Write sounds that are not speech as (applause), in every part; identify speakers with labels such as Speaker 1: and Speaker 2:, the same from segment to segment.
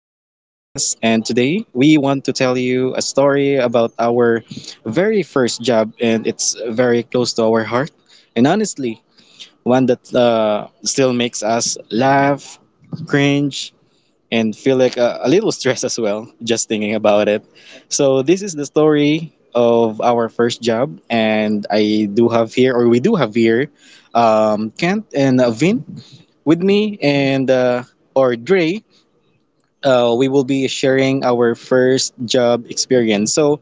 Speaker 1: And today we want to tell you a story about our very first job, and it's very close to our heart. And honestly, one that still makes us laugh, cringe, and feel like a little stress as well, just thinking about it. So, this is the story of our first job, and I do have here, or we do have here, Kent and Vin. With me and or Dre, we will be sharing our first job experience. So,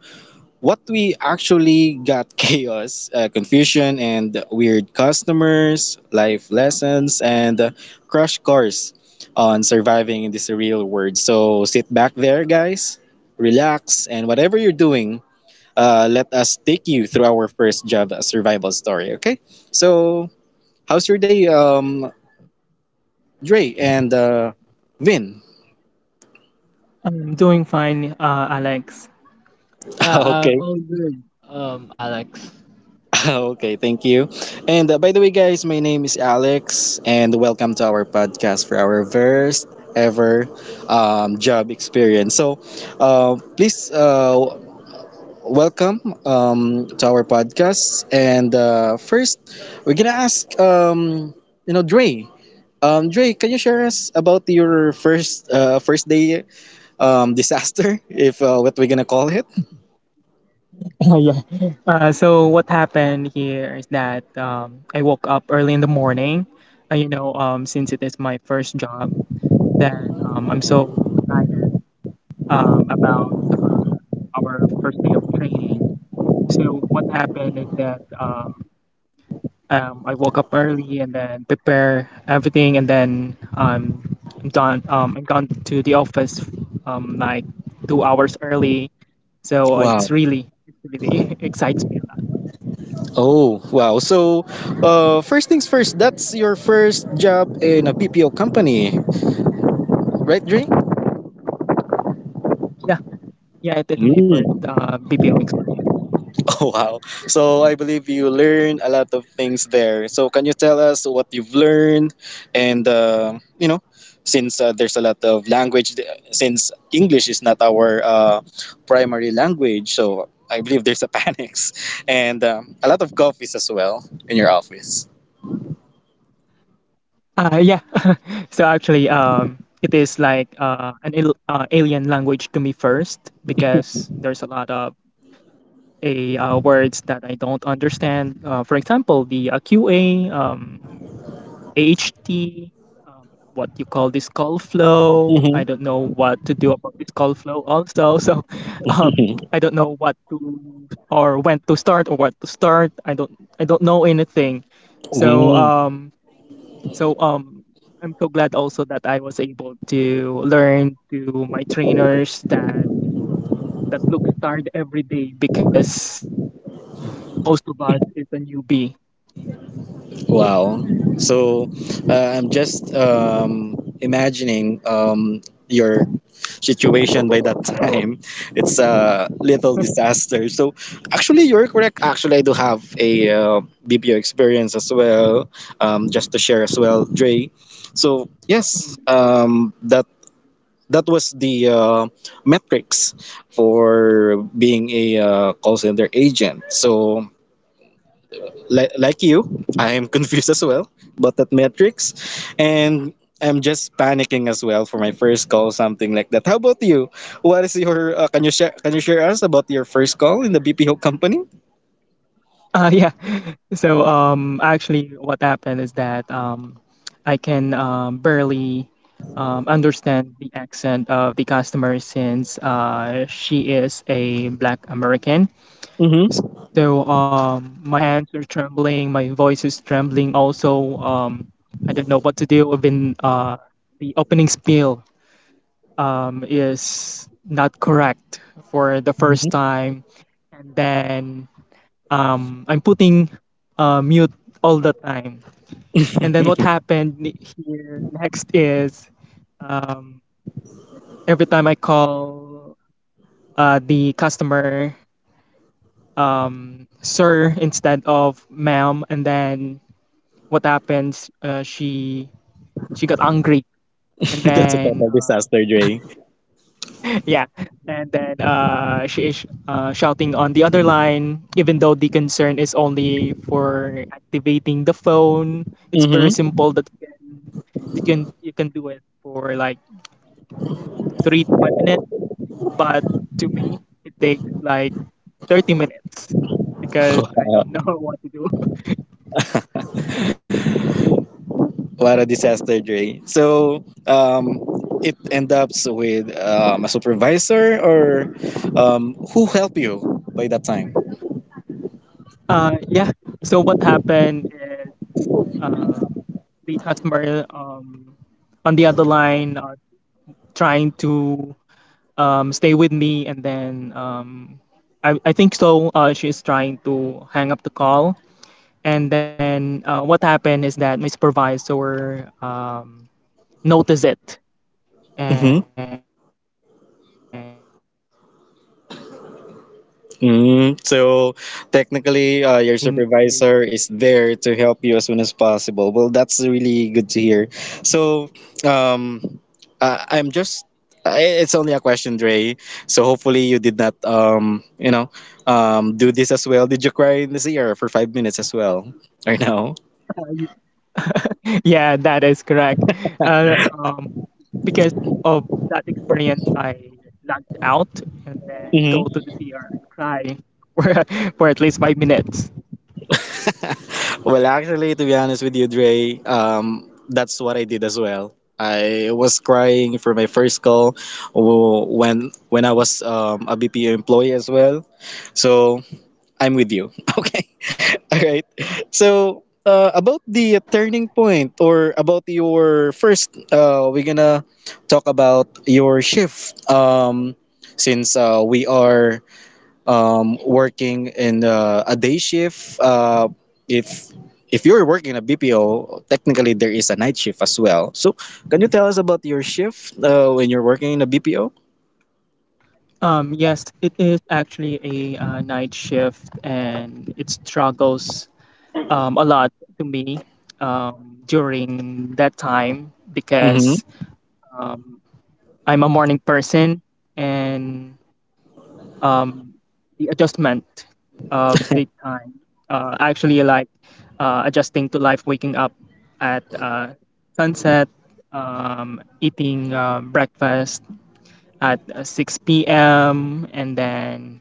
Speaker 1: what we actually got (laughs) chaos, confusion, and weird customers, life lessons, and crash course on surviving in this real world. So, sit back there, guys, relax, and whatever you're doing, let us take you through our first job survival story, okay? So, how's your day, Dre and Vin?
Speaker 2: I'm doing fine, Alex. Yeah, I'm
Speaker 1: Okay.
Speaker 2: all
Speaker 1: (laughs)
Speaker 2: good, Alex. (laughs)
Speaker 1: Okay, thank you. And by the way, guys, my name is Alex, and welcome to our podcast for our first ever job experience. So, please welcome to our podcast. And first, we're gonna ask, Dre. Dre, can you share us about your first day disaster, (laughs) if what we're gonna call it?
Speaker 2: Oh, yeah. So what happened here is that I woke up early in the morning. Since it is my first job, then I'm so excited about our first day of training. So what happened is that I woke up early and then prepare everything, and then I'm done. I'm gone to the office like 2 hours early, so it really (laughs) excites me a lot.
Speaker 1: Oh, wow. So, first things first, that's your first job in a BPO company, right, Dre?
Speaker 2: Yeah, yeah, it is my
Speaker 1: Mm. (laughs)
Speaker 2: first BPO experience.
Speaker 1: Oh, wow. So, I believe you learn a lot of things there. So, can you tell us what you've learned? And, since there's a lot of language, since English is not our primary language, so I believe there's a (laughs) panics and a lot of coffees as well in your office.
Speaker 2: Uh, yeah. (laughs) So actually, it is like alien language to me first because there's a lot of a words that I don't understand. For example, the QA. H T, um, what you call this call flow. I don't know what to do about this call flow also. (laughs) So um, I don't know what to or when to start or what to start. I don't know anything. So so um I'm so glad also that I was able to learn to my trainers that look start every day because most of us is a newbie.
Speaker 1: Wow. So I'm just imagining your situation by that (laughs) time. It's a little disaster. So actually, you're correct. Actually, I do have a BPO experience as well, just to share as well, Dre. So yes, that was the metrics for being a call center agent. So like you, I am (laughs) confused as well about that metrics. And I'm just panicking as well for my first call, something like that. How about you? What is your, can you share us about your first call in the BPO company?
Speaker 2: Uh, yeah. (laughs) So actually, what happened is that I can barely understand the accent of the customer since she is a Black American.
Speaker 1: Mm-hmm.
Speaker 2: So my hands are trembling, my voice is trembling. Also, I don't know what to do. Even the opening spiel is not correct for the first time, and then I'm putting mute all the time.
Speaker 1: (laughs)
Speaker 2: And then what
Speaker 1: That's
Speaker 2: happened here next is um, every time I call the customer sir instead of ma'am, and then what happens? She got angry, and
Speaker 1: a
Speaker 2: then
Speaker 1: total disaster, Dre.
Speaker 2: yeah, and then she is shouting on the other line, even though the concern is only for activating the phone. It's very
Speaker 1: Mm-hmm.
Speaker 2: simple that you can do it for like 3 to 5 minutes, but to me it takes like 30 minutes because I don't
Speaker 1: Uh,
Speaker 2: know (laughs) what to do.
Speaker 1: what a disaster, Dre. So, it end up with a supervisor or who helped you by that time?
Speaker 2: Uh, yeah. So what happened is um, the customer on the other line trying to stay with me and then I think so she's trying to hang up the call, and then what happened is that my supervisor noticed it and take it over. So I'm so glad also that instead of
Speaker 1: Mm, so technically, your
Speaker 2: saying,
Speaker 1: supervisor is there to help you as soon as possible. Well, that's really good to hear. So, um, I'm just. It's only a question, Dre. So hopefully you did not, do this as well. Did you cry in this ear for 5 minutes as well, or no?
Speaker 2: yeah, that is correct. Uh, um, because of that experience, I lagged out and then go to the CR and cry (laughs) for at least 5 minutes.
Speaker 1: Well, actually, to be honest with you, Dre, that's what I did as well. I was crying for my first call when I was a BPO employee as well. So I'm with you. (laughs) Okay. All right. So about
Speaker 2: (laughs)
Speaker 1: the turning point or about your first, we're gonna talk about your shift. Since we are working in a day shift. If if you're working in a BPO, technically there is a night shift as well. So can you tell us about your shift when you're working in a BPO?
Speaker 2: Yes, it is actually a night shift, and it struggles a lot to me during that time
Speaker 1: Mm-hmm.
Speaker 2: because um, I'm a morning person, and um, the adjustment of daytime. Actually, like adjusting to life, waking up at sunset, eating breakfast at 6 p.m., and then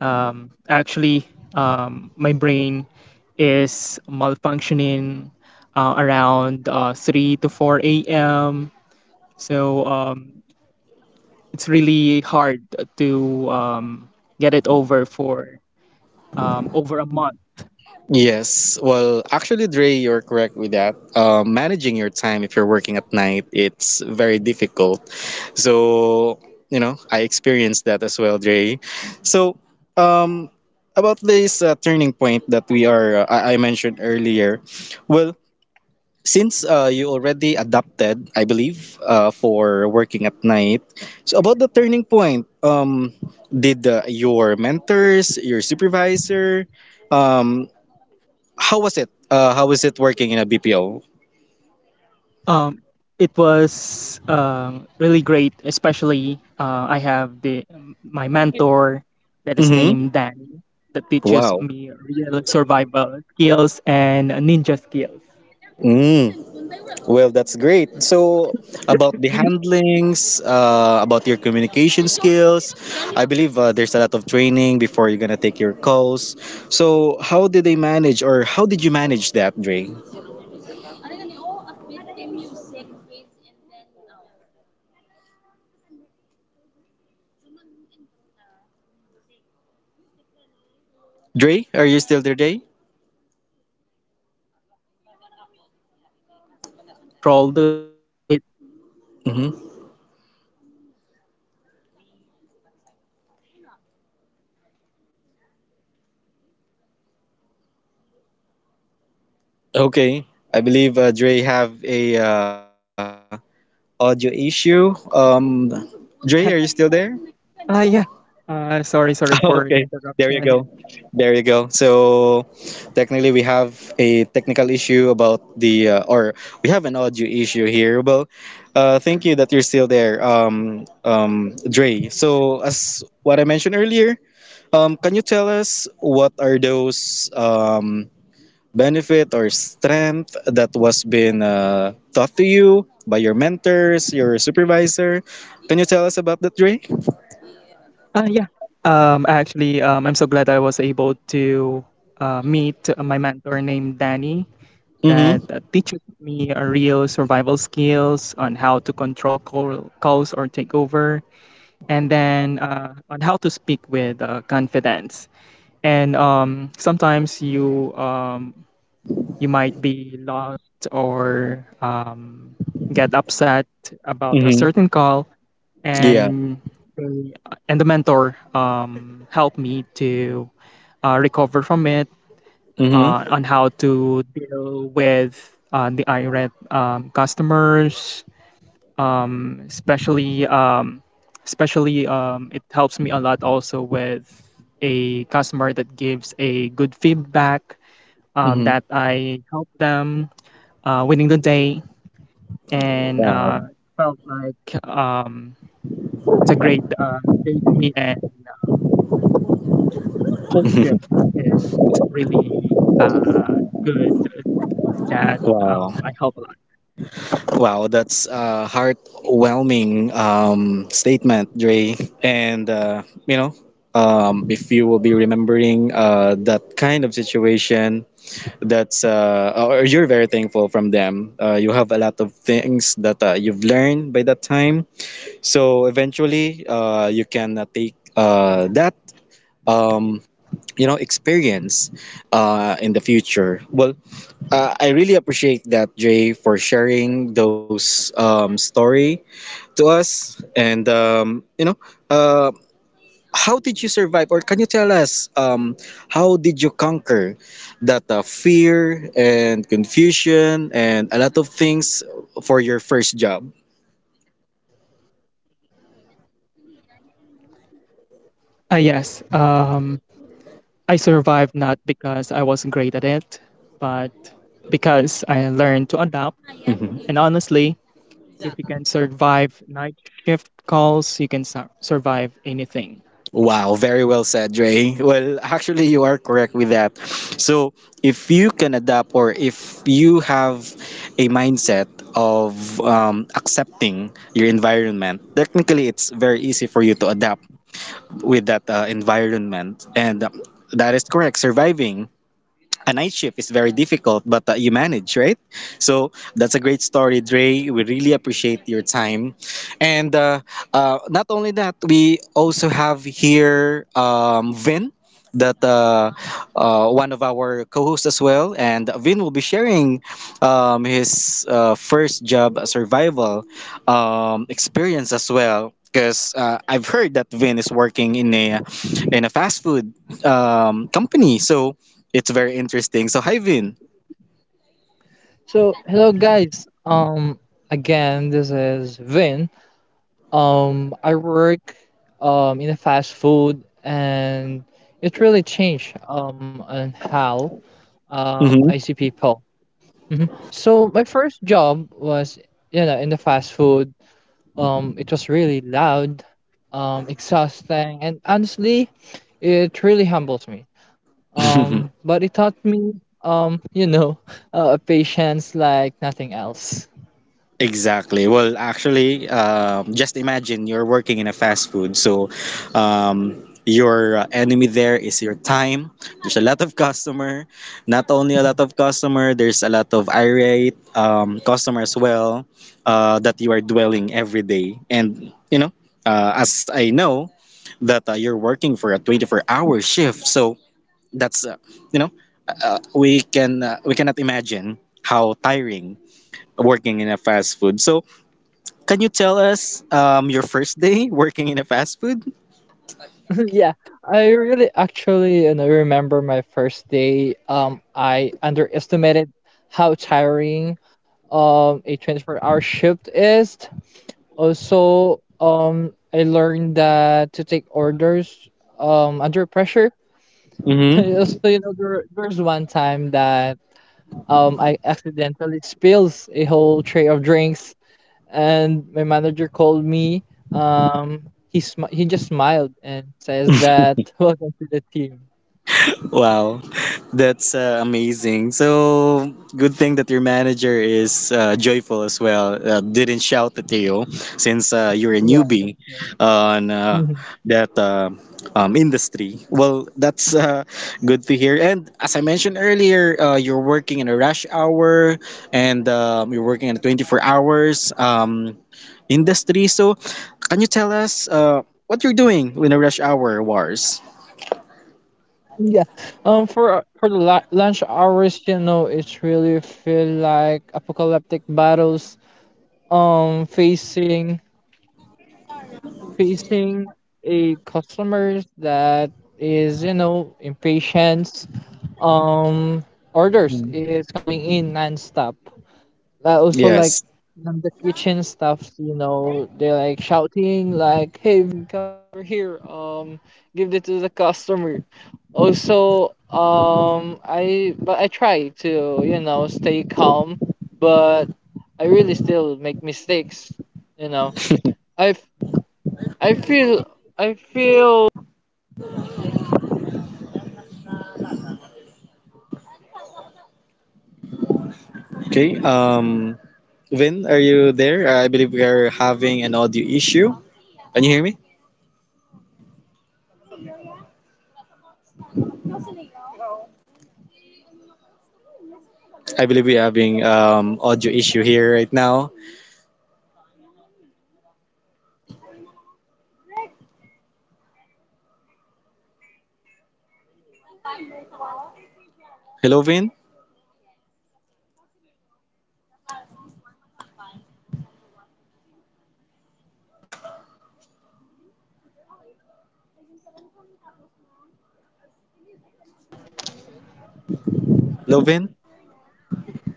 Speaker 2: actually, my brain is malfunctioning around 3 to 4 a.m. So it's really hard to get it over for over a month.
Speaker 1: Yes. Well, actually, Dre, you're correct with that. Managing your time if you're working at night, it's very difficult. So, you know, I experienced that as well, Dre. So, um, about this turning point that we are, uh, I mentioned earlier. Well, since you already adapted, I believe, for working at night. So about the turning point, did your mentors, your supervisor, um, how was it? How was it working in a BPO?
Speaker 2: Um, it was really great, especially I have the my mentor that is
Speaker 1: Mm-hmm.
Speaker 2: named Danny, that teaches
Speaker 1: Wow.
Speaker 2: me real survival skills and ninja skills.
Speaker 1: Mm. Well, that's great. So about the handlings, about your communication skills, I believe there's a lot of training before you're gonna take your calls. So how did they manage, or how did you manage that, Dre?
Speaker 2: Uh, yeah, it helps me to control the or take over the call, and then
Speaker 1: Dre,
Speaker 2: it
Speaker 1: are you still there, Dre?
Speaker 2: allows me to speak with confidence. Hello,
Speaker 1: Hmm.
Speaker 2: hello.
Speaker 1: Okay. I believe Dre have a audio issue. Dre, are you still there?
Speaker 2: (laughs) Ah, yeah. Uh, sorry,
Speaker 1: (laughs)
Speaker 2: sorry
Speaker 1: Okay.
Speaker 2: for the
Speaker 1: There you go.
Speaker 2: interruption.
Speaker 1: There you go. So technically, we have a technical issue about the, or we have an audio issue here. Well, thank you that you're still there, Dre. So as what I mentioned earlier, can you tell us what are those? Benefit or strength that was been taught to you by your mentors, your supervisor. Can you tell us about that, Dre?
Speaker 2: Uh, yeah. Actually, I'm so glad I was able to meet my mentor named Danny that
Speaker 1: Mm-hmm.
Speaker 2: teaches me a real survival skills on how to control calls or take over, and then on how to speak with confidence. And sometimes you you might be lost or get upset about a
Speaker 1: Mm-hmm.
Speaker 2: certain call,
Speaker 1: Yeah.
Speaker 2: and they- and the mentor helped me to recover from it,
Speaker 1: Mm-hmm.
Speaker 2: on how to deal with the irate customers, um, especially um, especially it helps me a lot also with a customer that gives a good feedback,
Speaker 1: Mm-hmm.
Speaker 2: that I help them winning the day, and
Speaker 1: Wow.
Speaker 2: felt like it's a great day to me. And Cold
Speaker 1: (laughs)
Speaker 2: trip is really uh, good, that I
Speaker 1: Wow.
Speaker 2: help a lot.
Speaker 1: Wow, that's a heartwhelming statement, Dre. And, if you will be remembering that kind of situation, that's or you're very thankful from them. You have a lot of things that you've learned by that time. So eventually, you can take that um, you know experience in the future. Well, I really appreciate that Jay for sharing those story to us, and you know. Uh, how did you survive or can you tell us how did you conquer that fear and confusion and a lot of things for your first job.
Speaker 2: Uh, yes, um, I survived not because I was great at it, but because I learned to adapt. And
Speaker 1: Mhm.
Speaker 2: honestly, if you can survive night shift calls, you can survive anything.
Speaker 1: Wow, very well said, Dre. Well, actually, you are correct with that. So if you can adapt or if you have a mindset of accepting your environment, technically it's very easy for you to adapt with that environment, and that is correct, surviving a night shift is very difficult, but you manage, right? So that's a great story, Dre. We really appreciate your time. And not only that, we also have here Vin, that one of our co-hosts as well. And Vin will be sharing his first job survival experience as well. Because I've heard that Vin is working in a fast food company, so it's very interesting. So, hi, Vin.
Speaker 2: So hello, guys. Again, this is Vin. I work in a fast food, and it really changed on how
Speaker 1: Hmm.
Speaker 2: I see people. Hmm. So my first job was, you know, in the fast food. It was really loud, exhausting, and honestly, it really humbles me.
Speaker 1: (laughs)
Speaker 2: But it taught me, (laughs) patience like nothing else.
Speaker 1: Exactly. Well, actually, just imagine you're working in a fast food. So, um, your enemy there is your time. There's a lot of customer. Not only a lot of
Speaker 2: (laughs)
Speaker 1: customer, there's a lot of irate customer as well that you are dwelling every day. And you know, as I know that you're working for a 24-hour shift, so that's you know we cannot imagine how tiring working in a fast food, so can you tell us your first day (laughs) working in a fast food?
Speaker 2: (laughs) Yeah, I really actually and I remember my first day. I underestimated how tiring a 24-hour shift is. Also, I learned that to take orders under pressure. (laughs) Also, you know, there's one time that I accidentally spills a whole tray of drinks, and my manager called me. He just smiled and says that (laughs) welcome to the team.
Speaker 1: Wow, that's amazing. So, good thing that your manager is joyful as well. Didn't shout at you since you're a
Speaker 2: Yeah, that's
Speaker 1: newbie
Speaker 2: right.
Speaker 1: on
Speaker 2: Mhm.
Speaker 1: that industry. Well, that's good to hear. And as I mentioned earlier, you're working in a rush hour and you're working in 24 hours industry. So, can you tell us what you're doing in a rush hour, Wars?
Speaker 2: Yeah. Lunch hours, you know, it's really feel like apocalyptic battles. Um, facing Facing a customers that is, you know, impatient, um
Speaker 1: Mm.
Speaker 2: orders is coming in nonstop. Stop Also
Speaker 1: Yes.
Speaker 2: like from the kitchen stuff, you know, they're like shouting like "Hey,
Speaker 1: Okay. Vin, are you there? I believe we are having an audio issue. Can you hear me? I believe we're having audio issue here right now. Hello, Vin. Hello, Vin.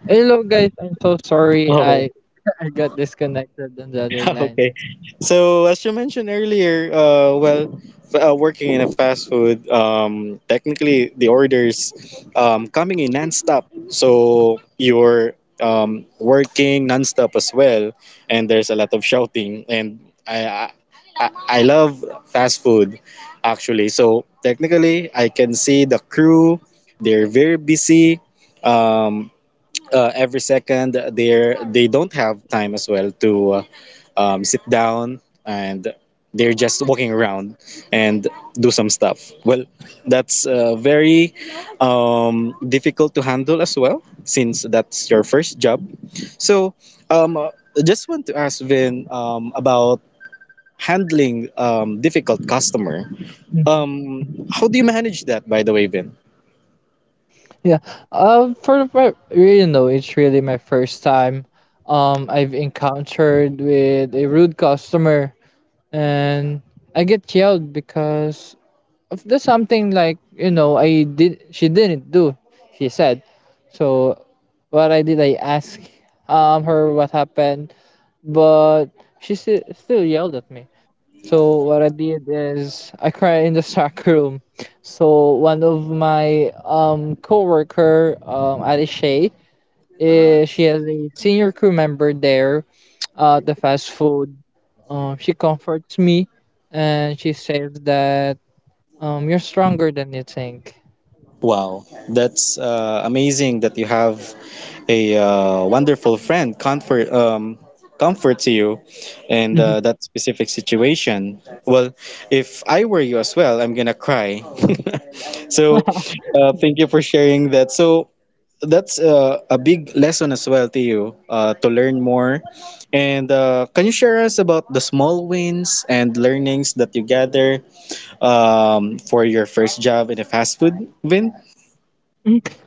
Speaker 3: Hello guys, I'm so sorry.
Speaker 1: Oh.
Speaker 3: I (laughs) I got disconnected on the other
Speaker 1: (laughs)
Speaker 3: line.
Speaker 1: Okay. So as you mentioned earlier, well, working in a fast food, technically the orders coming in nonstop. So you're working nonstop as well, and there's a lot of shouting. And I, I, I love fast food, actually. So technically, I can see the crew; they're very busy. Um, every second they don't have time as well to sit down and they're just walking around and do some stuff, well that's very difficult to handle as well since that's your first job, so um, uh, I just want to ask Vin about handling difficult customer,
Speaker 3: Mhm.
Speaker 1: um, how do you manage that, by the way, Vin?
Speaker 3: Yeah. For the fir- you know, It's really my first time I've encountered with a rude customer, and I get yelled because of the something like, I did she didn't do, she said. So what I did I asked her what happened, but she still yelled at me. So what I did is I cried in the (laughs) stock room. So one of my coworker, Alice, is she has a senior crew member there at the fast food. She comforts me, and she says that you're stronger than you think.
Speaker 1: Wow, that's amazing that you have a wonderful friend comfort to you and
Speaker 3: Mhm.
Speaker 1: that specific situation. Well, if I were you as well, I'm gonna cry. (laughs) So, thank you for sharing that. So that's a big lesson as well to you to learn more. And can you share us about the small wins and learnings that you gather for your first job in a fast food, Vin?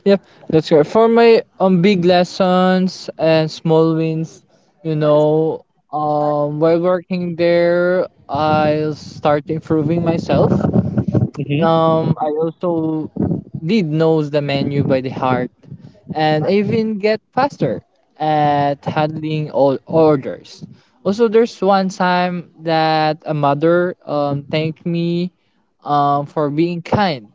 Speaker 3: Yep, that's right. For my big lessons and small wins, you know, while working there, I'll start improving myself. I also did knows the menu by the heart, and I even get faster at handling all orders. Also, there's one time that a mother thanked me for being kind,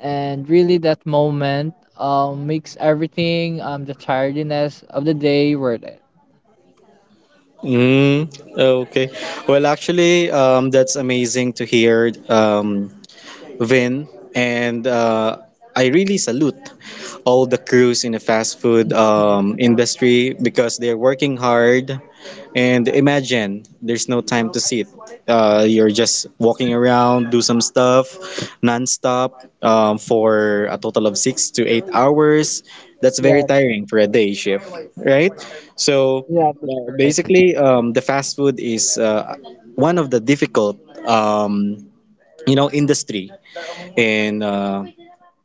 Speaker 3: and really that moment makes everything the tiredness of the day worth it.
Speaker 1: Mm, oh, okay. Well, actually, that's amazing to hear, Vin, and I really salute all the crews in the fast food industry because they're working hard. And imagine there's no time to sit. You're just walking around, do some stuff nonstop for a total of 6 to 8 hours. That's very
Speaker 3: Yeah,
Speaker 1: tiring for a day shift, right? So
Speaker 3: yeah, that's correct.
Speaker 1: basically, the fast food is one of the difficult, um, you know, industry and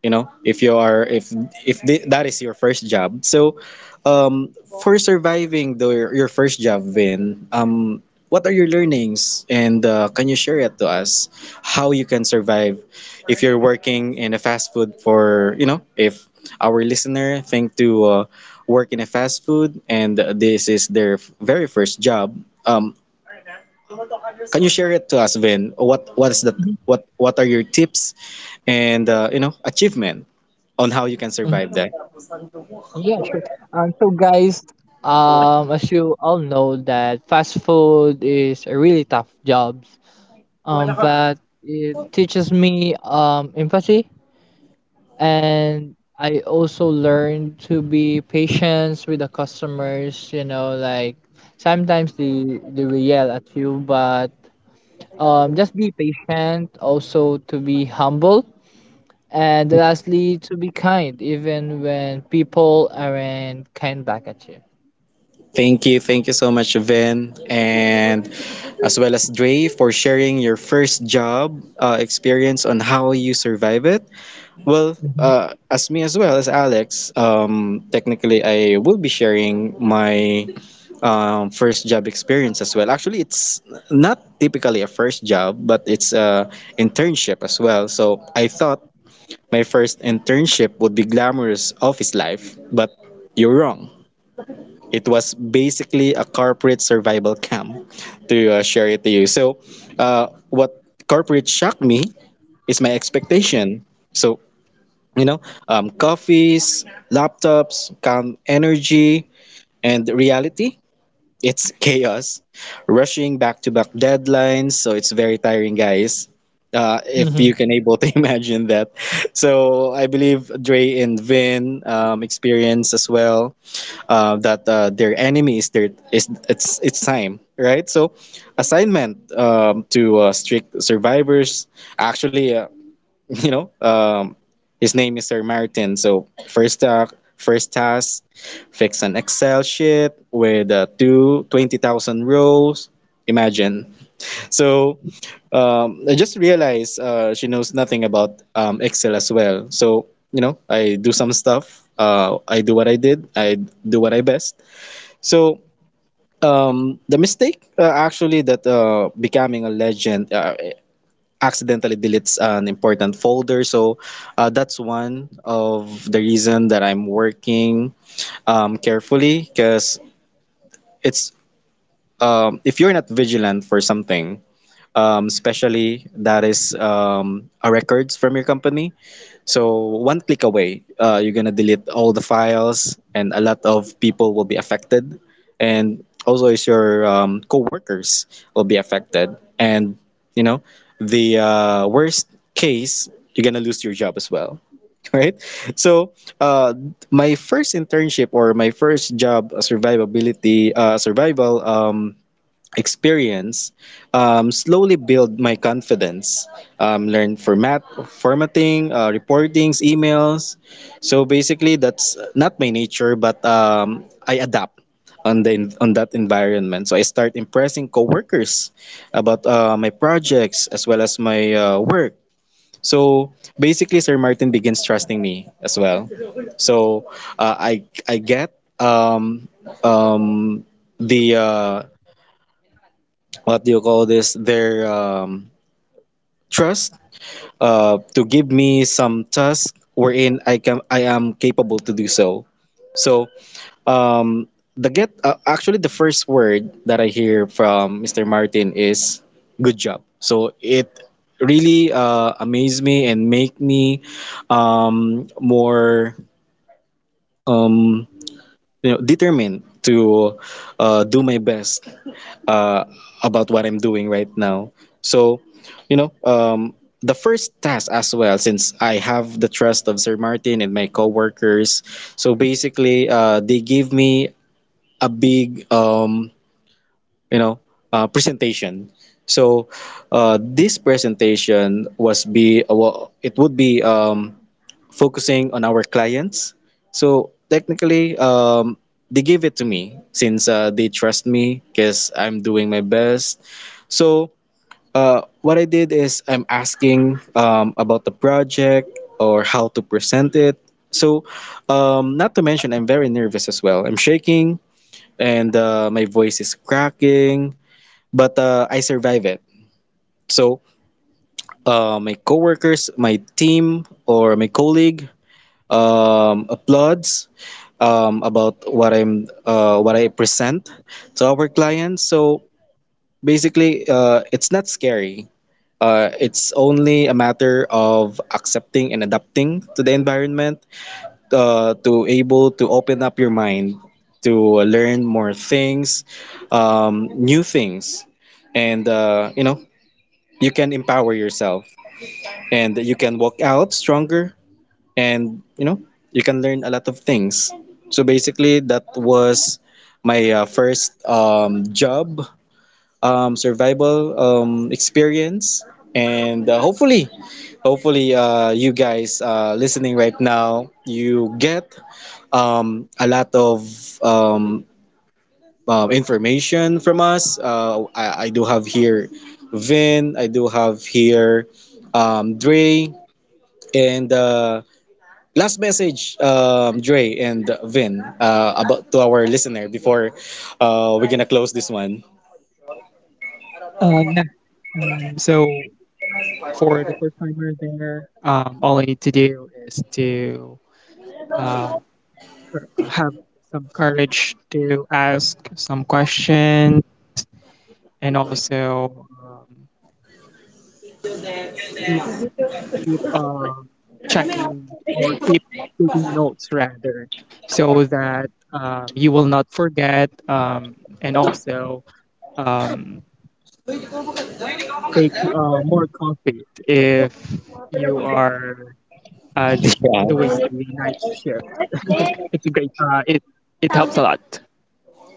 Speaker 1: you know if you are if that is your first job. So um for surviving the, your first job, Vin, what are your learnings, and can you share it to us how you can survive if you're working in a fast food? For you know if our listener think to work in a fast food and this is their very first job, um can you share it to us, Vin? What is that? What are your tips and you know achievement on how you can survive that?
Speaker 3: Yeah, sure. So guys, as you all know that fast food is a really tough job. But it teaches me empathy, and I also learned to be patient with the customers. Like sometimes they will yell at you, but just be patient. Also, to be humble. And lastly, to be kind, even when people aren't kind back at you.
Speaker 1: Thank you so much, Vin, and as well as Dre for sharing your first job experience on how you survive it. Well, as me as well as Alex, technically I will be sharing my first job experience as well. Actually, it's not typically a first job, but it's a internship as well. So I thought my first internship would be glamorous office life, but you're wrong. It was basically a corporate survival camp to share it to you. So, what corporate shocked me is my expectation. So you know coffees, laptops, calm energy, and reality, it's (laughs) chaos, rushing back to back deadlines. So it's very tiring guys, if
Speaker 3: hmm
Speaker 1: you can able to (laughs) imagine that. So I believe Dre and Vin experience as well, that their enemy is their is it's time, right? So assignment to strict survivors, actually (laughs) you know his name is Sir Martin. So first first task, fix an Excel sheet with 220,000 rows. Imagine. So I just realized, she knows nothing about Excel as well. So you know I do some stuff, I do what I did, I do what I best. So the mistake, actually that becoming a legend. Accidentally deletes an important folder. So that's one of the reason that I'm working carefully, because it's if you're not vigilant for something, especially that is a records from your company, so one click away, you're gonna delete all the files, and a lot of people will be affected, and also is your coworkers will be affected, and you know the worst case, you're gonna lose your job as well, (laughs) right? So uh, my first internship or my first job, survivability, survival experience slowly build my confidence, learn formatting, reportings, emails. So basically that's not my nature, but I adapt on the on that environment. So I start impressing coworkers about my projects as well as my work. So basically Sir Martin begins trusting me as well. So I get um, um, the what do you call this, their trust to give me some task wherein I am capable to do so. So um, the get actually the first word that I hear from Mr. Martin is good job. So it really amazed me and make me more um, you know determined to do my best uh, about what I'm doing right now. So, you know, the first task as well, since I have the trust of Sir Martin and my coworkers, so basically, they gave me a big, you know, presentation. So, this presentation was be well, it would be focusing on our clients. So technically, they gave it to me since they trust me because I'm doing my best. So what I did is I'm asking about the project or how to present it. So not to mention, I'm very nervous as well. I'm shaking and my voice is cracking, but I survive it. So my coworkers, my team, or my colleague applauds about what I present to our clients. So basically, it's not scary. It's only a matter of accepting and adapting to the environment to able to open up your mind to learn more things, new things, and you know you can empower yourself, and you can walk out stronger, and you know you can learn a lot of things. So basically that was my first job survival experience. And hopefully you guys listening right now, you get a lot of um, information from us. I do have here Vin, I do have here Dre, and last message, Dre and Vin, about to our listener before we're gonna close this one. Yeah,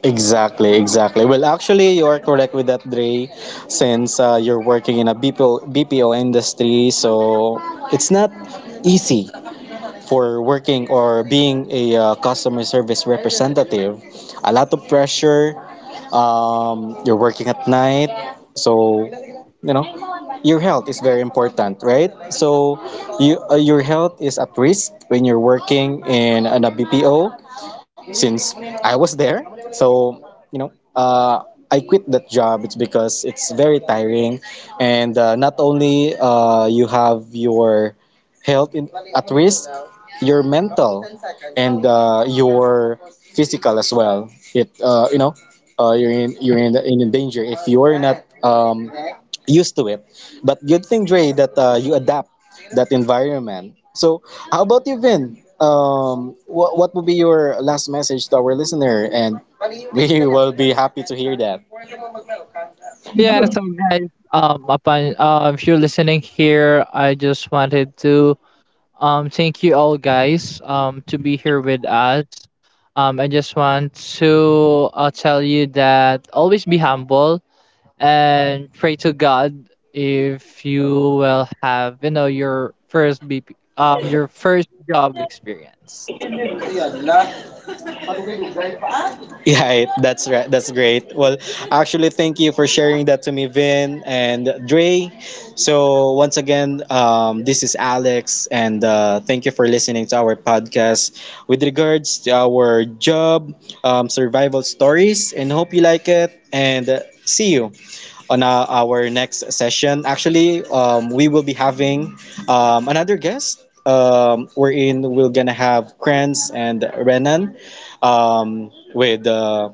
Speaker 1: exactly, exactly. Well, actually, you are correct with that, Dre, since you're working in a BPO, BPO industry, so it's not easy for working or being a customer service representative, a lot of pressure. You're working at night, so you know your health is very important, right? So you, your health is at risk when you're working in an BPO, since I was there. So, you know, I quit that job. It's because it's very tiring, and not only you have your health in, at risk, your mental and your physical as well. It you know, you're in danger if you're not used to it. But good thing, Dre, that you adapt that environment. So, how about you, Vin? What would be your last message to our listener? And we (laughs) will be happy to hear that.
Speaker 3: Yeah, so guys, upon if you're listening here, I just wanted to thank you all guys to be here with us. I just want to tell you that always be humble and pray to God if you will have your first BP, your first job experience.
Speaker 1: Yeah, that's right. That's great. Well, actually, thank you for sharing that to me, Vin and Dre. So, once again, this is Alex, and thank you for listening to our podcast with regards to our job survival stories, and hope you like it. And see you on our next session. Actually, we will be having another guest. We're in. We're gonna have Kranz and Renan with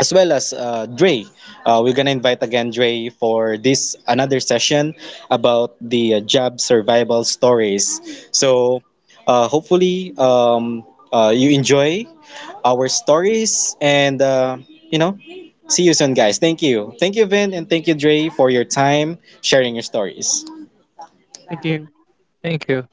Speaker 1: as well as Dre. We're gonna invite again Dre for this another session about the job survival stories. So hopefully you enjoy our stories, and you know see you soon guys. Thank you, thank you, Vin, and thank you, Dre, for your time sharing your stories.
Speaker 3: Thank you.